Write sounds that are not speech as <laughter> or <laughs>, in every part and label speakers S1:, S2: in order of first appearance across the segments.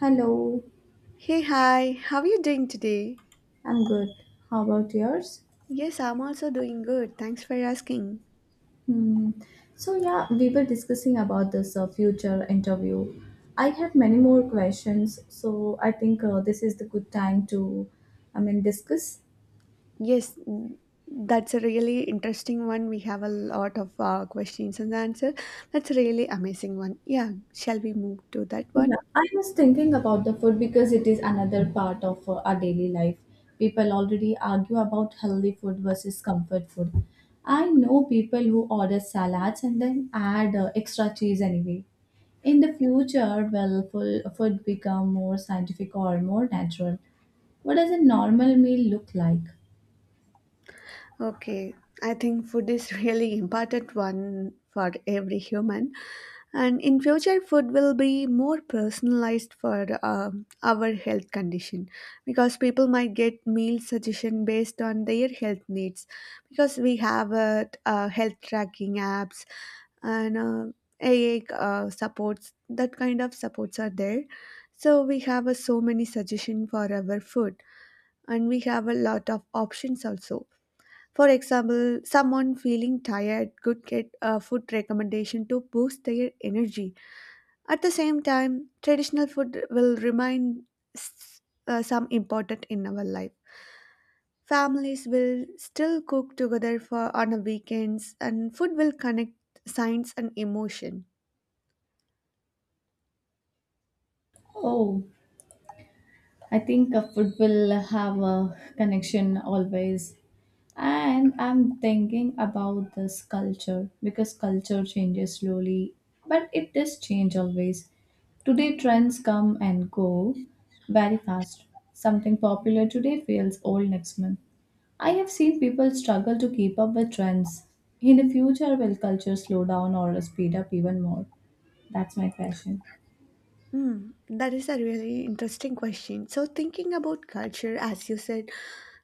S1: Hello,
S2: Hey, hi, how are you doing today?
S1: I'm good. How about yours?
S2: Yes, I'm also doing good. Thanks for asking.
S1: Hmm. So yeah, we were discussing about this future interview. I have many more questions, so I think this is the good time to, I mean, discuss.
S2: Yes, that's a really interesting one. We have a lot of questions and answers. That's a really amazing one. Yeah, shall we move to that
S1: Yeah,
S2: one?
S1: I was thinking about the food because it is another part of our daily life. People already argue about healthy food versus comfort food. I know people who order salads and then add extra cheese anyway. In the future, will full food become more scientific or more natural? What does a normal meal look like?
S2: Okay, I think food is <laughs> really important one for every human, and in future, food will be more personalized for our health condition, because people might get meal suggestion based on their health needs because we have health tracking apps and AA supports, that kind of supports are there. So we have so many suggestion for our food, and we have a lot of options also. For example, someone feeling tired could get a food recommendation to boost their energy. At the same time, traditional food will remain s- some important in our life. Families will still cook together for on the weekends, and food will connect science and emotion.
S1: Oh, I think a food will have a connection always. And I'm thinking about this culture because culture changes slowly, but it does change always. Today, trends come and go very fast. Something popular today feels old next month. I have seen people struggle to keep up with trends. In the future, will culture slow down or speed up even more? That's my question.
S2: Hmm, that is a really interesting question. So, thinking about culture, as you said,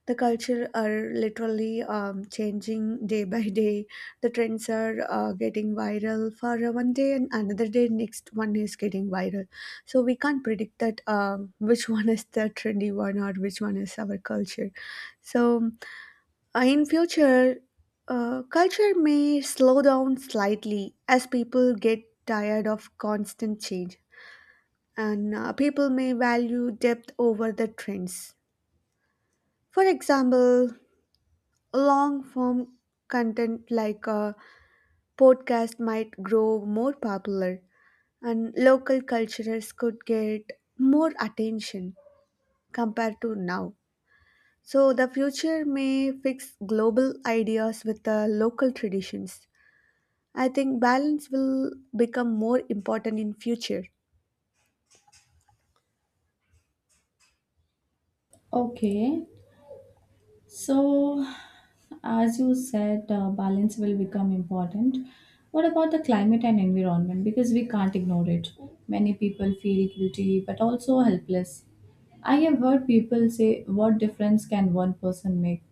S2: the culture are literally changing day by day. The trends are getting viral for 1 day, and another day, next one is getting viral. So, we can't predict that which <laughs> one is the trendy one or which one is our culture. So in future, culture may slow down slightly as people get tired of constant change, and people may value depth over the trends. For example, long form content like a podcast might grow more popular, and local cultures could get more attention compared to now. So, the future may fix global ideas with the local traditions. I think balance will become more important in future.
S1: Okay, so, as you said, balance will become important. What about the climate and environment? Because we can't ignore it. Many people feel guilty but also helpless. I have heard people say, "What difference can one person make?"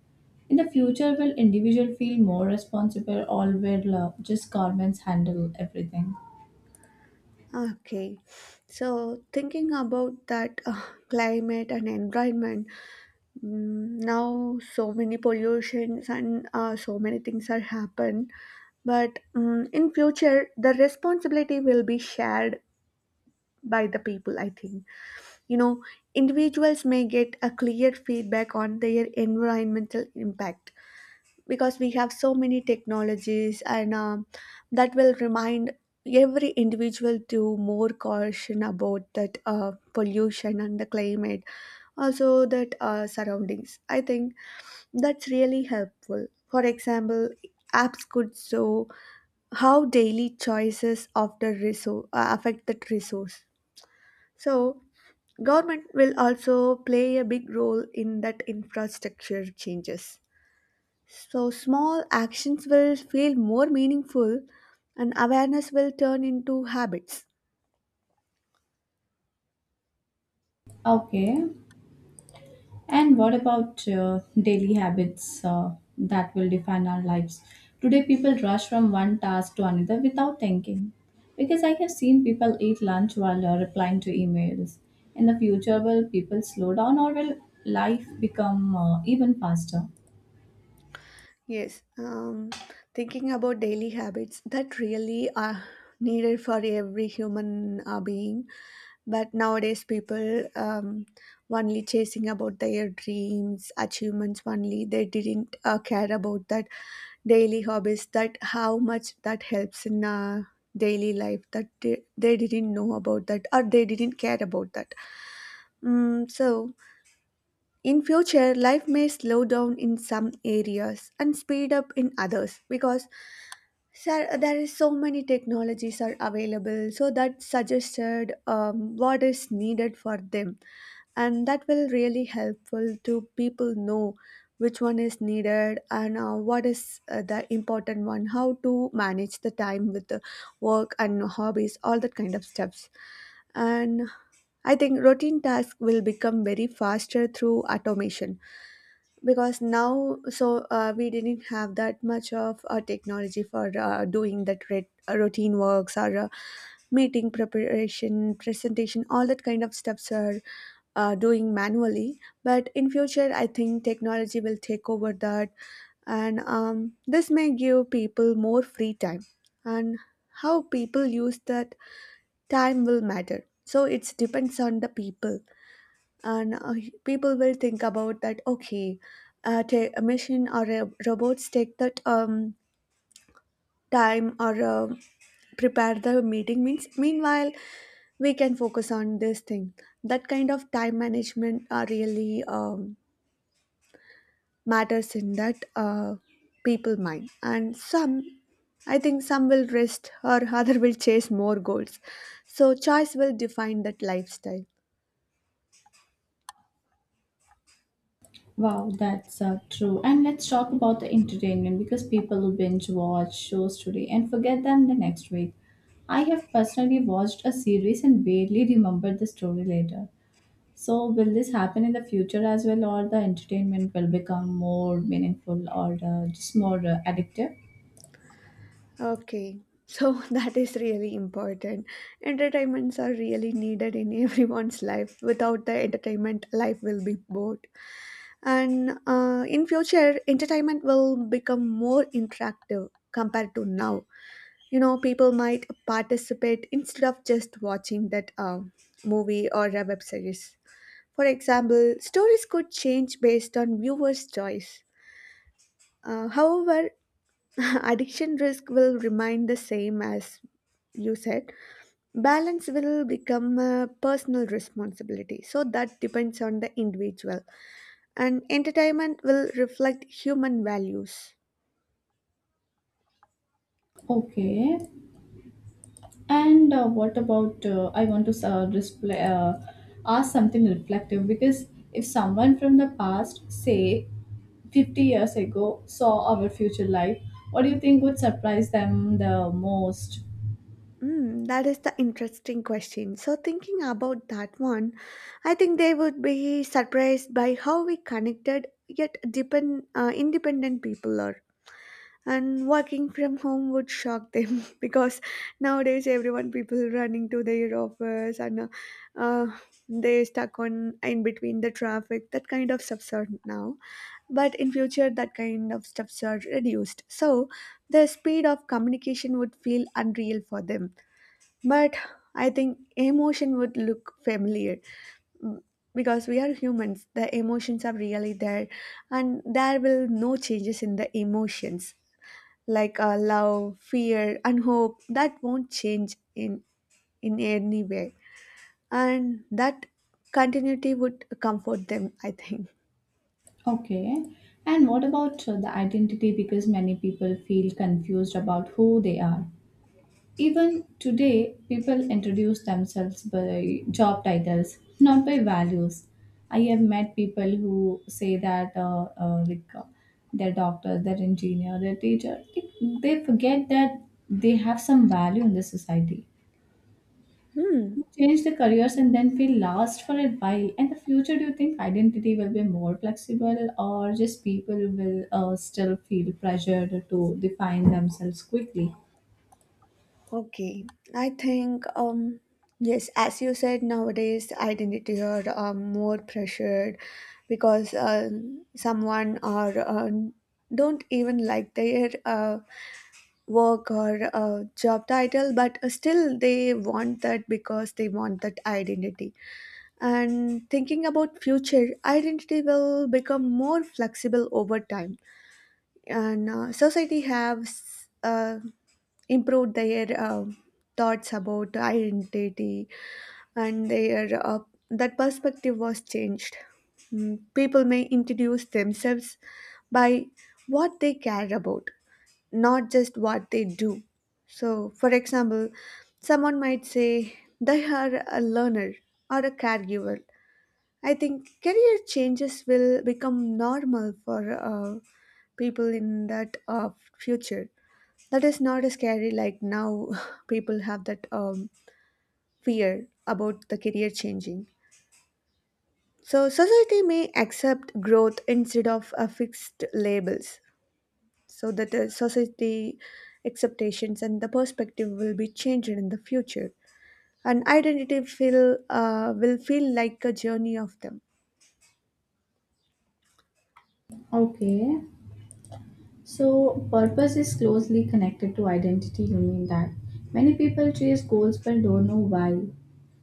S1: In the future, will individual feel more responsible or will just governments handle everything?
S2: Okay, so thinking about that climate and environment, now so many pollutions and so many things are happen. But in future, the responsibility will be shared by the people. I think, you know, individuals may get a clear feedback on their environmental impact because we have so many technologies, and that will remind every individual to more caution about that pollution and the climate, also that surroundings. I think that's really helpful. For example, apps could show how daily choices of the resource affect that resource. So government will also play a big role in that infrastructure changes, so small actions will feel more meaningful, and awareness will turn into habits.
S1: Okay, and what about daily habits that will define our lives? Today, people rush from one task to another without thinking. Because I have seen people eat lunch while replying to emails. In the future, will people slow down or will life become even faster?
S2: Yes, thinking about daily habits that really are needed for every human being. But nowadays, people only chasing about their dreams, achievements only. They didn't care about that daily hobbies. That how much that helps in daily life. That they didn't know about that, or they didn't care about that. So in future, life may slow down in some areas and speed up in others because sir, there is so many technologies are available. So that suggested what is needed for them, and that will really helpful to people know which one is needed and what is the important one. How to manage the time with the work and hobbies, all that kind of stuffs, and I think routine tasks will become very faster through automation because now so we didn't have that much of technology for doing that routine works or meeting preparation presentation, all that kind of steps are doing manually, but in future I think technology will take over that, and this may give people more free time, and how people use that time will matter. So it depends on the people, and people will think about that. Okay, a machine or a robots take that time or prepare the meeting means, meanwhile we can focus on this thing. That kind of time management really matters in that people mind, and some, I think some will rest or <laughs> other will chase more goals. So choice will define that lifestyle.
S1: Wow, that's true. And let's talk about the entertainment because people will binge watch shows today and forget them the next week. I have personally watched a series and barely remembered the story later. So, will this happen in the future as well, or the entertainment will become more meaningful or just more addictive?
S2: Okay, so <laughs> that is really important. Entertainments are really needed in everyone's life. Without the entertainment, life will be bored. And in future, entertainment will become more interactive compared to now. You know, people might participate instead of just watching that movie or a web series. For example, stories could change based on viewers' choice. However, <laughs> addiction risk will remain the same. As you said, balance will become a personal responsibility, so that depends on the individual, and entertainment will reflect human values.
S1: Okay. And what about? I want to display, ask something reflective because if someone from the past, say 50 years ago, saw our future life, what do you think would surprise them the most?
S2: Hmm, that is the interesting question. So, thinking about that one, I think they would be surprised by how we connected yet independent people are. And working from home would shock them <laughs> because nowadays everyone people running to their office, and uh, they stuck on in between the traffic. That kind of stuffs are now, but in future that kind of stuffs are reduced, so the speed of communication would feel unreal for them. But I think emotion would look familiar. Mm, because we are humans, the emotions are really there, and there will no changes in the emotions like love, fear, and hope. That won't change in any way, and that continuity would comfort them, I think.
S1: Okay. And what about the identity? Because many people feel confused about who they are. Even today, people introduce themselves by job titles, not by values. I have met people who say that, like, they're doctor, they're engineer, they're teacher. Like, they forget that they have some value in the society. Change the careers and then feel lost for a while. In the future, do you think identity will be more flexible, or just people will still feel pressured to define themselves quickly?
S2: Okay, I think yes, as you said, nowadays identity are more pressured because someone or don't even like their work or job title, but still they want that because they want that identity. And thinking about future, identity will become more flexible over time, and society has improved their thoughts about identity and their that perspective was changed. People may introduce themselves by what they care about, not just what they do. So for example, someone might say they are a learner or a caregiver. I think career changes will become normal for people in that future. That is not as scary like now. <laughs> People have that fear about the career changing. So society may accept growth instead of fixed labels. So that the society expectations and the perspective will be changed in the future. And identity feel will feel like a journey of them.
S1: Okay. So, purpose is closely connected to identity. You mean that many people chase goals but don't know why.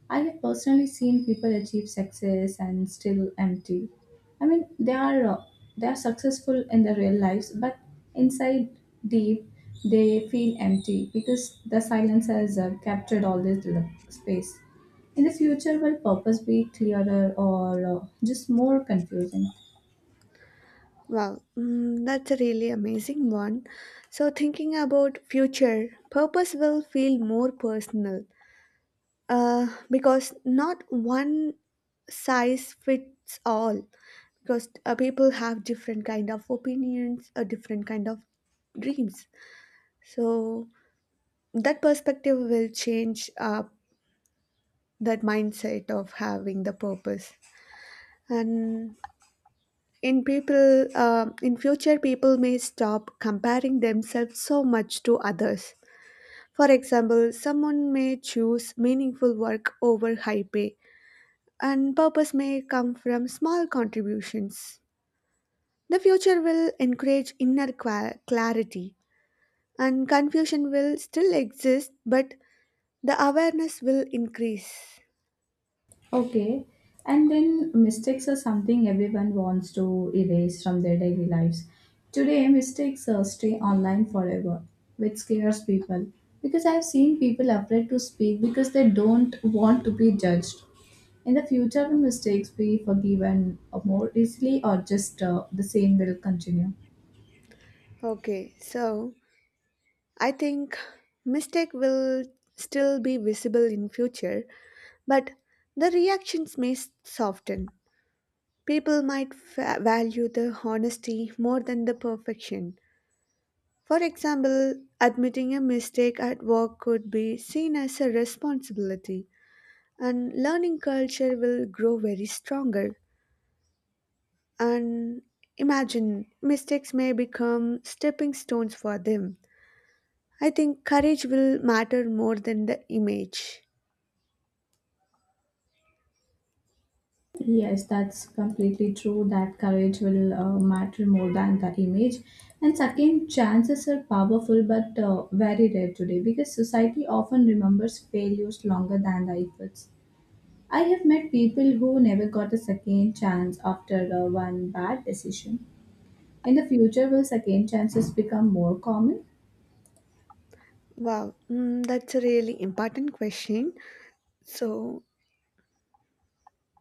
S1: I have personally seen people achieve success and still empty. I mean, they are successful in their real lives, but inside deep, they feel empty because the silence has captured all this space. In the future, will purpose be clearer or just more confusing?
S2: Wow, that's a really amazing one. So, thinking about future, purpose will feel more personal because not one size fits all. Because people have different kind of opinions, or different kind of dreams. So that perspective will change that mindset of having the purpose, and in people in future people may stop comparing themselves so much to others. For example, someone may choose meaningful work over high pay, and purpose may come from small contributions. The future will encourage clarity, and confusion will still exist, but the awareness will increase.
S1: Okay. And then mistakes are something everyone wants to erase from their daily lives. Today, mistakes stay online forever, which scares people. Because I've seen people afraid to speak because they don't want to be judged. In the future, will mistakes be forgiven more easily, or just the same will continue?
S2: Okay, so I think mistake will still be visible in future. But the reactions may soften. People might value the honesty more than the perfection. For example, admitting a mistake at work could be seen as a responsibility, and learning culture will grow very stronger. And imagine mistakes may become stepping stones for them. I think courage will matter more than the image.
S1: Yes, that's completely true that courage will matter more than the image. And second, chances are powerful but very rare today because society often remembers failures longer than the efforts. I have met people who never got a second chance after one bad decision. In the future, will second chances become more common?
S2: Wow, that's a really important question. So,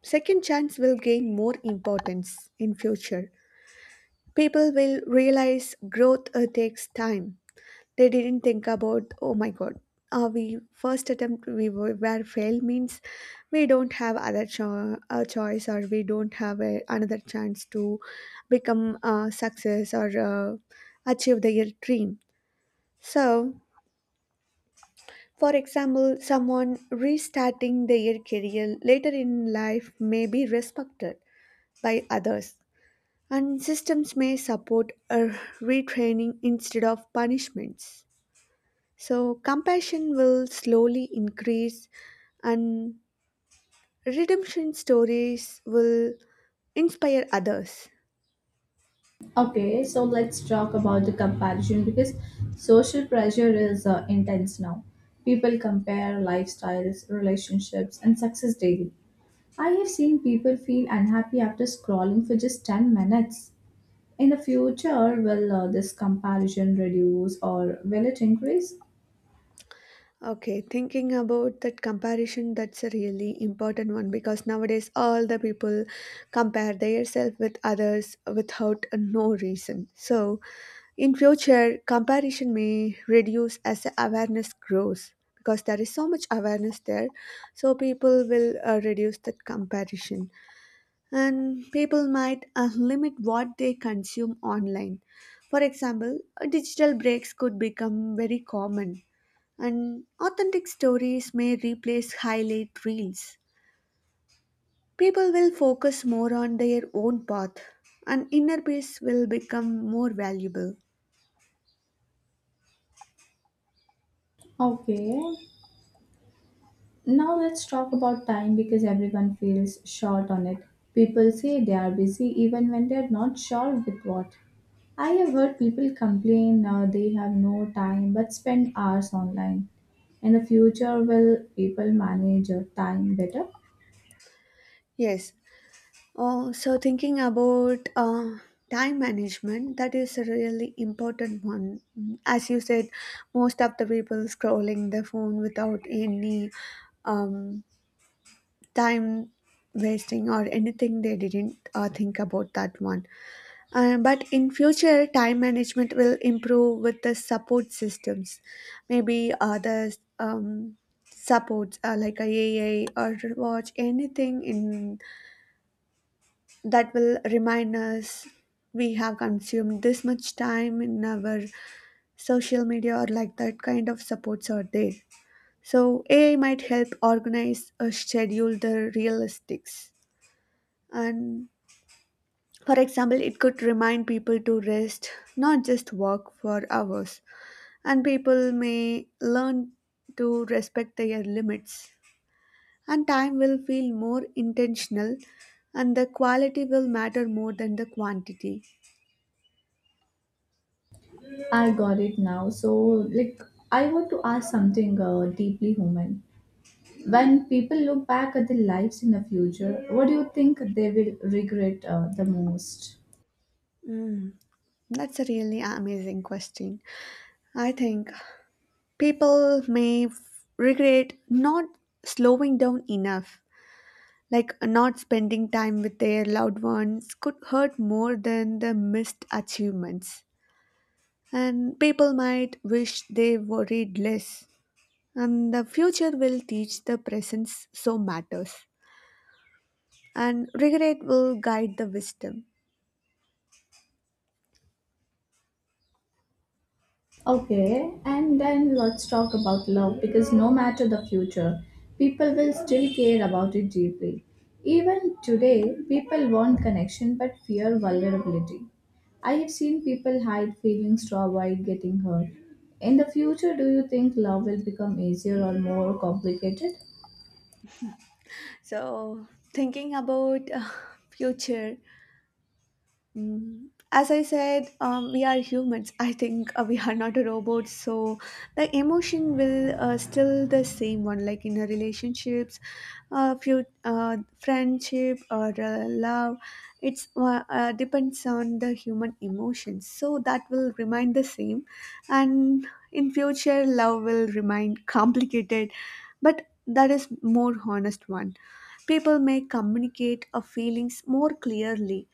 S2: second chance will gain more importance in future. People will realize growth takes time. They didn't think about, oh my god, we first attempt we were failed means we don't have other a choice, or we don't have another chance to become a success or achieve their dream. So, for example, someone restarting their career later in life may be respected by others, and systems may support a retraining instead of punishments. So, compassion will slowly increase, and redemption stories will inspire others.
S1: Okay, so let's talk about the comparison because social pressure is intense now. People compare lifestyles, relationships, and success daily. I have seen people feel unhappy after scrolling for just 10 minutes. In the future, will this comparison reduce or will it increase?
S2: Okay, thinking about that comparison, that's a really important one because nowadays all the people compare themselves with others without no reason. So, in future, comparison may reduce as the awareness grows because there is so much awareness there. So people will reduce that comparison, and people might limit what they consume online. For example, digital breaks could become very common, and authentic stories may replace highlight reels. People will focus more on their own path, and inner peace will become more valuable.
S1: Okay, now let's talk about time because everyone feels short on it. People say they are busy even when they are not sure with what. I have heard people complain they have no time but spend hours online. In the future, will people manage your time better?
S2: Yes, oh, so thinking about time management, that is a really important one. As you said, most of the people scrolling their phone without any um, time wasting or anything, they didn't think about that one. But in future, time management will improve with the support systems. Maybe others. Supports like a AI or watch anything in that will remind us we have consumed this much time in our social media, or like that kind of supports are there. So AI might help organize or schedule the realistics. And for example, it could remind people to rest, not just work for hours. And people may learn to respect their limits. And time will feel more intentional, and the quality will matter more than the quantity.
S1: I got it now. So, like, I want to ask something deeply human. When people look back at their lives in the future, what do you think they will regret the most?
S2: That's a really amazing question. I think people may regret not slowing down enough. Like not spending time with their loved ones could hurt more than the missed achievements. And people might wish they worried less. And the future will teach the presence so matters. And regret will guide the wisdom.
S1: Okay, and then let's talk about love because no matter the future, people will still care about it deeply. Even today, people want connection but fear vulnerability. I have seen people hide feelings to avoid getting hurt. In the future, do you think love will become easier or more complicated?
S2: So, thinking about future. As I said, we are humans. I think we are not a robot, so the emotion will still the same one, like in a relationships, few, friendship or love. It's depends on the human emotions, so that will remain the same, and in future, love will remain <laughs> complicated, but that is more honest one. People may communicate a feelings more clearly.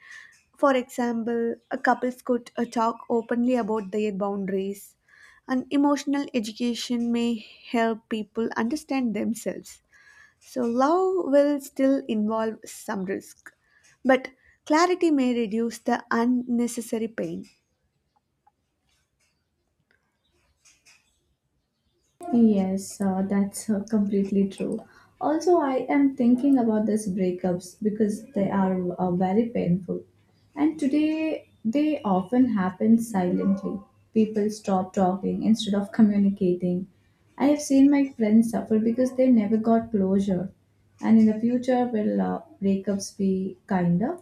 S2: For example, a couples could talk openly about their boundaries, and emotional education may help people understand themselves. So, love will still involve some risk, but clarity may reduce the unnecessary pain.
S1: Yes, that's completely true. Also, I am thinking about these breakups because they are very painful. And today, they often happen silently. People stop talking instead of communicating. I have seen my friends suffer because they never got closure. And in the future, will breakups be kinder?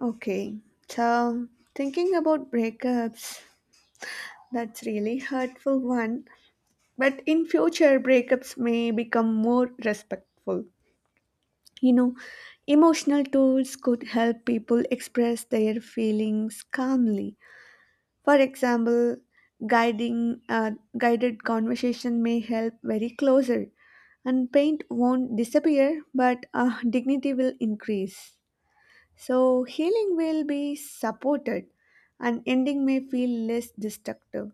S2: Okay, so thinking about breakups, that's really hurtful one. But in future, breakups may become more respectful. You know, emotional tools could help people express their feelings calmly. For example, guiding guided conversation may help very closer, and pain won't disappear, but dignity will increase. So healing will be supported, and ending may feel less destructive.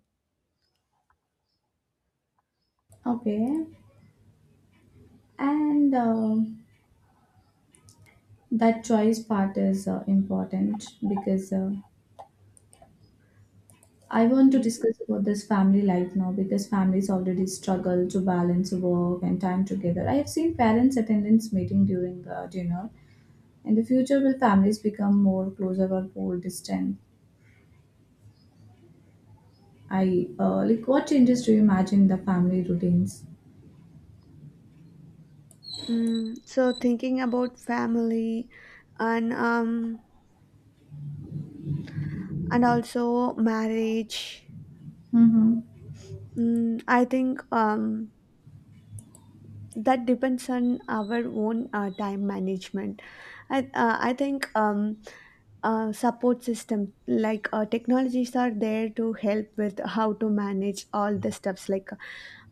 S1: Okay, and that choice part is important because I want to
S2: Yeah.
S1: discuss about this family life now because families already struggle to balance work and time together. I have seen parents' attendance meeting during dinner. In the future, will families become more closer or more distant? I like what changes do you imagine in the family routines?
S2: So thinking about family and and also marriage.
S1: Mm-hmm.
S2: I think that depends on our own time management. I think support system like technologies are there to help with how to manage all the stuffs like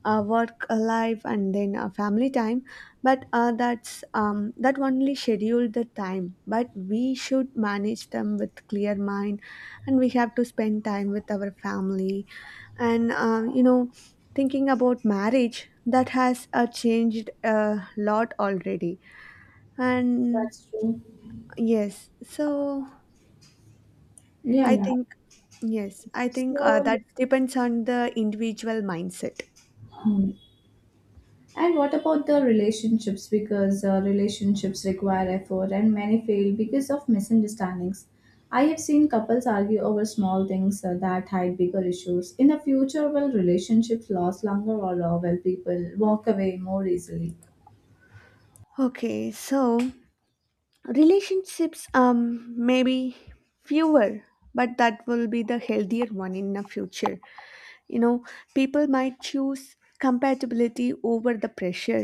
S2: work life and then family time. But that's that only schedule the time. But we should manage them with clear mind, and we have to spend time with our family, and thinking about marriage, that has changed a lot already. And
S1: That's true.
S2: yes, so
S1: Yeah,
S2: I
S1: yeah.
S2: think, yes, I think
S1: So,
S2: that
S1: like,
S2: depends on the individual mindset.
S1: hmm. And what about the relationships? Because relationships require effort and many fail because of misunderstandings. I have seen couples argue over small things that hide bigger issues. In the future, will relationships last longer or will people walk away more easily?
S2: Okay, so relationships, maybe fewer, but that will be the healthier one in the future. You know, people might choose compatibility over the pressure.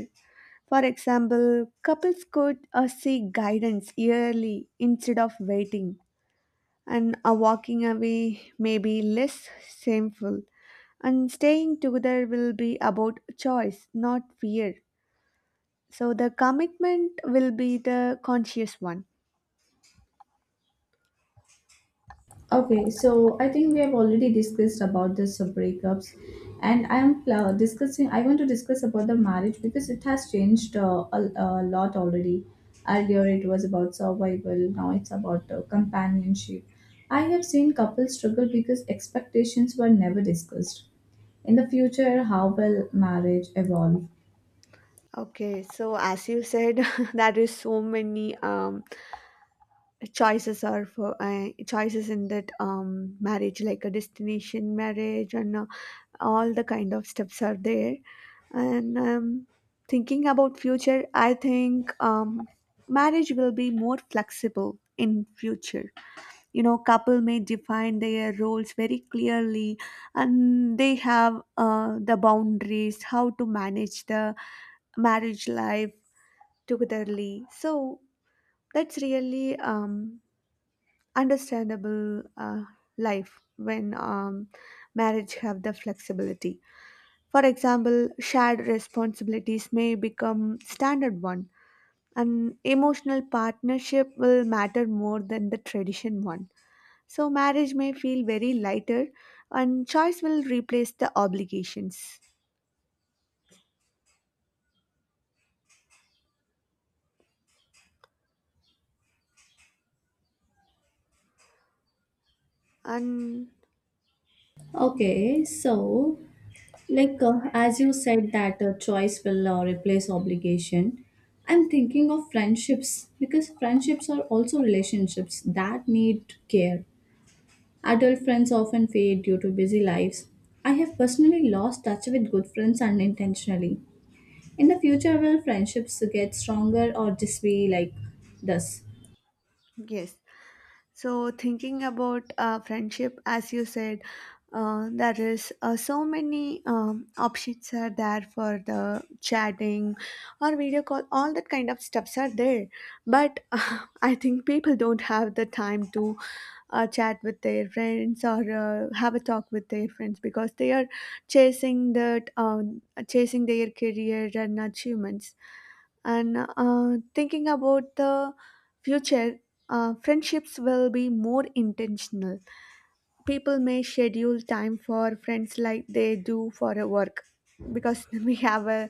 S2: For example, couples could seek guidance early instead of waiting, and walking away may be less shameful. And staying together will be about choice, not fear. So the commitment will be the conscious one.
S1: Okay, so I think we have already discussed about this breakups, and I am discussing. I want to discuss about the marriage because it has changed a lot already. Earlier, it was about survival. Now it's about companionship. I have seen couples struggle because expectations were never discussed. In the future, how will marriage evolve?
S2: Okay, so as you said, <laughs> there is so many choices are for choices in that marriage, like a destination marriage, and all the kind of steps are there. And thinking about future, I think marriage will be more flexible in future. You know, couple may define their roles very clearly, and they have the boundaries how to manage the marriage life togetherly. So that's really understandable life when marriage have the flexibility. For example, shared responsibilities may become standard one. An emotional partnership will matter more than the tradition one. So marriage may feel very lighter, and choice will replace the obligations. And
S1: Okay, so like, as you said, that choice will replace obligation. I'm thinking of friendships because friendships are also relationships that need care. Adult friends often fade due to busy lives. I have personally lost touch with good friends unintentionally. In the future, will friendships get stronger or just be like this?
S2: yes, so, thinking about friendship, as you said, there is so many options are there for the chatting or video call. All that kind of stuffs are there, but <laughs> I think people don't have the time to chat with their friends or have a talk with their friends because they are chasing that um, chasing their career and achievements, and thinking about the future, friendships will be more intentional. People may schedule time for friends like they do for a work, because <laughs> we have a,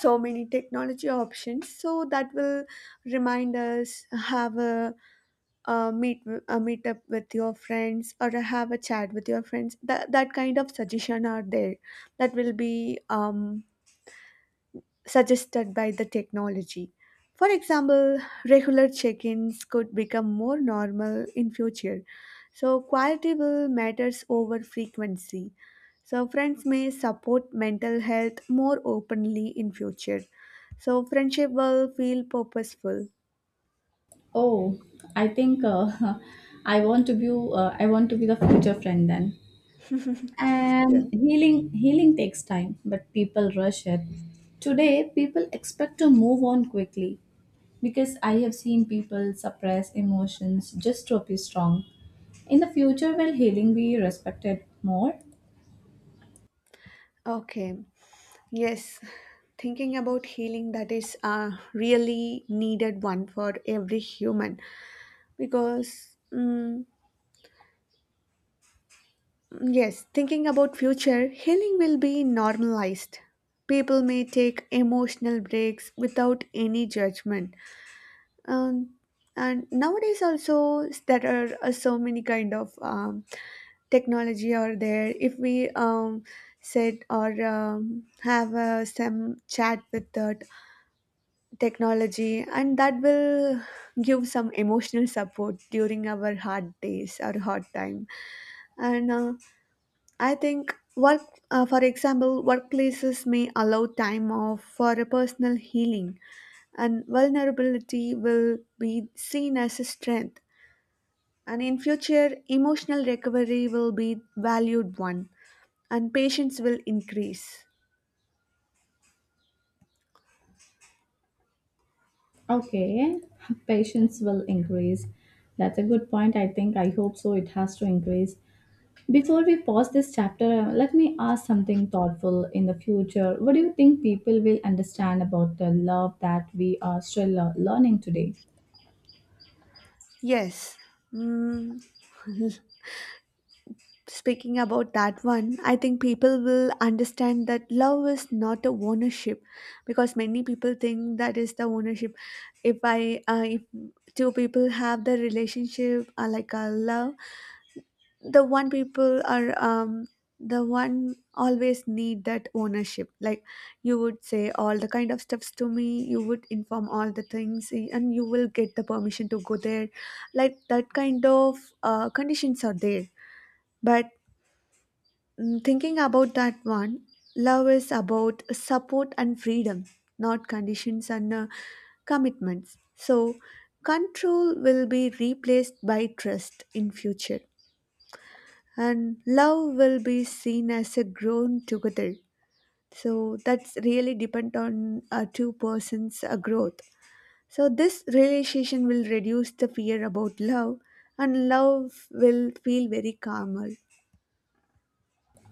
S2: so many technology options, so that will remind us, have a meet up with your friends or have a chat with your friends, that kind of suggestion are there, that will be suggested by the technology. For example, regular check-ins could become more normal in future, so quality will matters over frequency. So friends may support mental health more openly in future. So friendship will feel purposeful.
S1: Oh, I think <laughs> I want to be I want to be the future friend then.
S2: Yeah.
S1: And healing takes time but people rush it today. People expect to move on quickly because I have seen people suppress emotions just to appear strong. In the future, will healing be respected more?
S2: Okay. Yes, thinking about healing, that is a really needed one for every human, because yes, thinking about future, healing will be normalized. People may take emotional breaks without any judgment. Um, and nowadays also there are so many kind of technology are there. If we sit or have some chat with the technology, and that will give some emotional support during our hard days or hard time, and I think work for example, workplaces may allow time off for a personal healing, and vulnerability will be seen as a strength. And in future, emotional recovery will be valued one, and patience will increase.
S1: Okay, <laughs> patience will increase. That's a good point, I think. I hope so, it has to increase. Before we pause this chapter, let me ask something thoughtful in the future. What do you think people will understand about the love that we are still learning today?
S2: Yes. Mm, Speaking about that one, I think people will understand that love is not a ownership, because many people think that is the ownership. If two people have the relationship like a love, the one people are um the one always need that ownership. Like you would say all the kind of stuffs to me, you would inform all the things, eh, and you will get the permission to go there. Like that kind of conditions are there, but thinking about that one, love is about support and freedom, not conditions and commitments. So, control will be replaced by trust in future, and love will be seen as a grown together. So that's really depend on two persons' growth. So this realization will reduce the fear about love, and love will feel very calmer.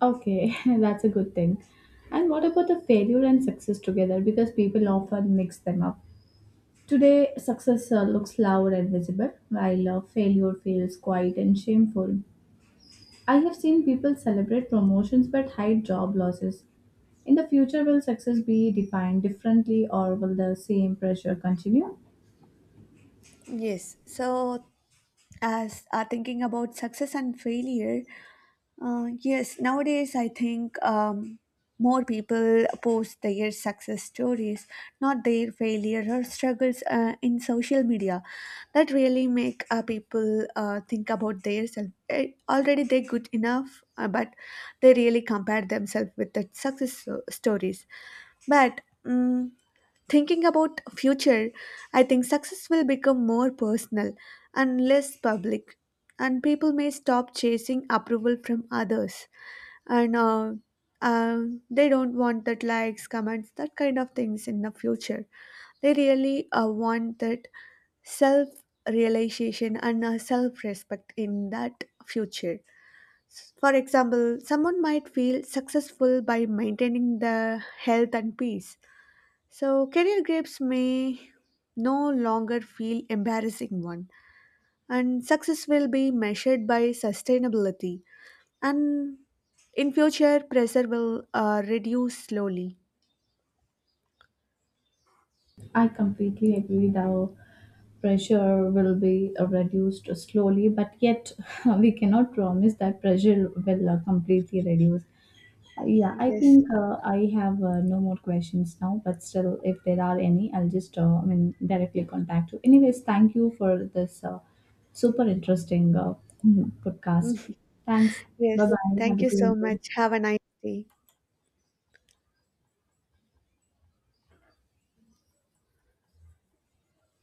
S1: Okay, <laughs> that's a good thing. And what about the failure and success together? Because people often mix them up. Today, success looks loud and visible, while failure feels quiet and shameful. I have seen people celebrate promotions but hide job losses. In the future, will success be defined differently or will the same pressure continue?
S2: Yes. So, as are thinking about success and failure, yes, nowadays I think more people post their success stories, not their failure or struggles, in social media. That really make people think about themselves. Already they're good enough, but they really compare themselves with the stories. But thinking about future, I think success will become more personal and less public, and people may stop chasing approval from others, and they don't want that likes comments, that kind of things in the future. They really want that self realization and self respect in that future. For example, someone might feel successful by maintaining their health and peace. So career grips may no longer feel embarrassing one, and success will be measured by sustainability, and in future pressure will reduce slowly.
S1: I completely agree. The pressure will be reduced slowly, but yet <laughs> we cannot promise that pressure will completely reduce. Yeah, I
S2: Yes.
S1: think I have no more questions now, but still, if there are any, I'll just I mean directly contact you. Anyways, thank you for this super interesting <laughs> podcast. Thanks.
S2: <laughs>
S1: Bye
S2: Yes,
S1: bye. Have
S2: thank
S1: a
S2: you so
S1: good
S2: much,
S1: day.
S2: have a nice day.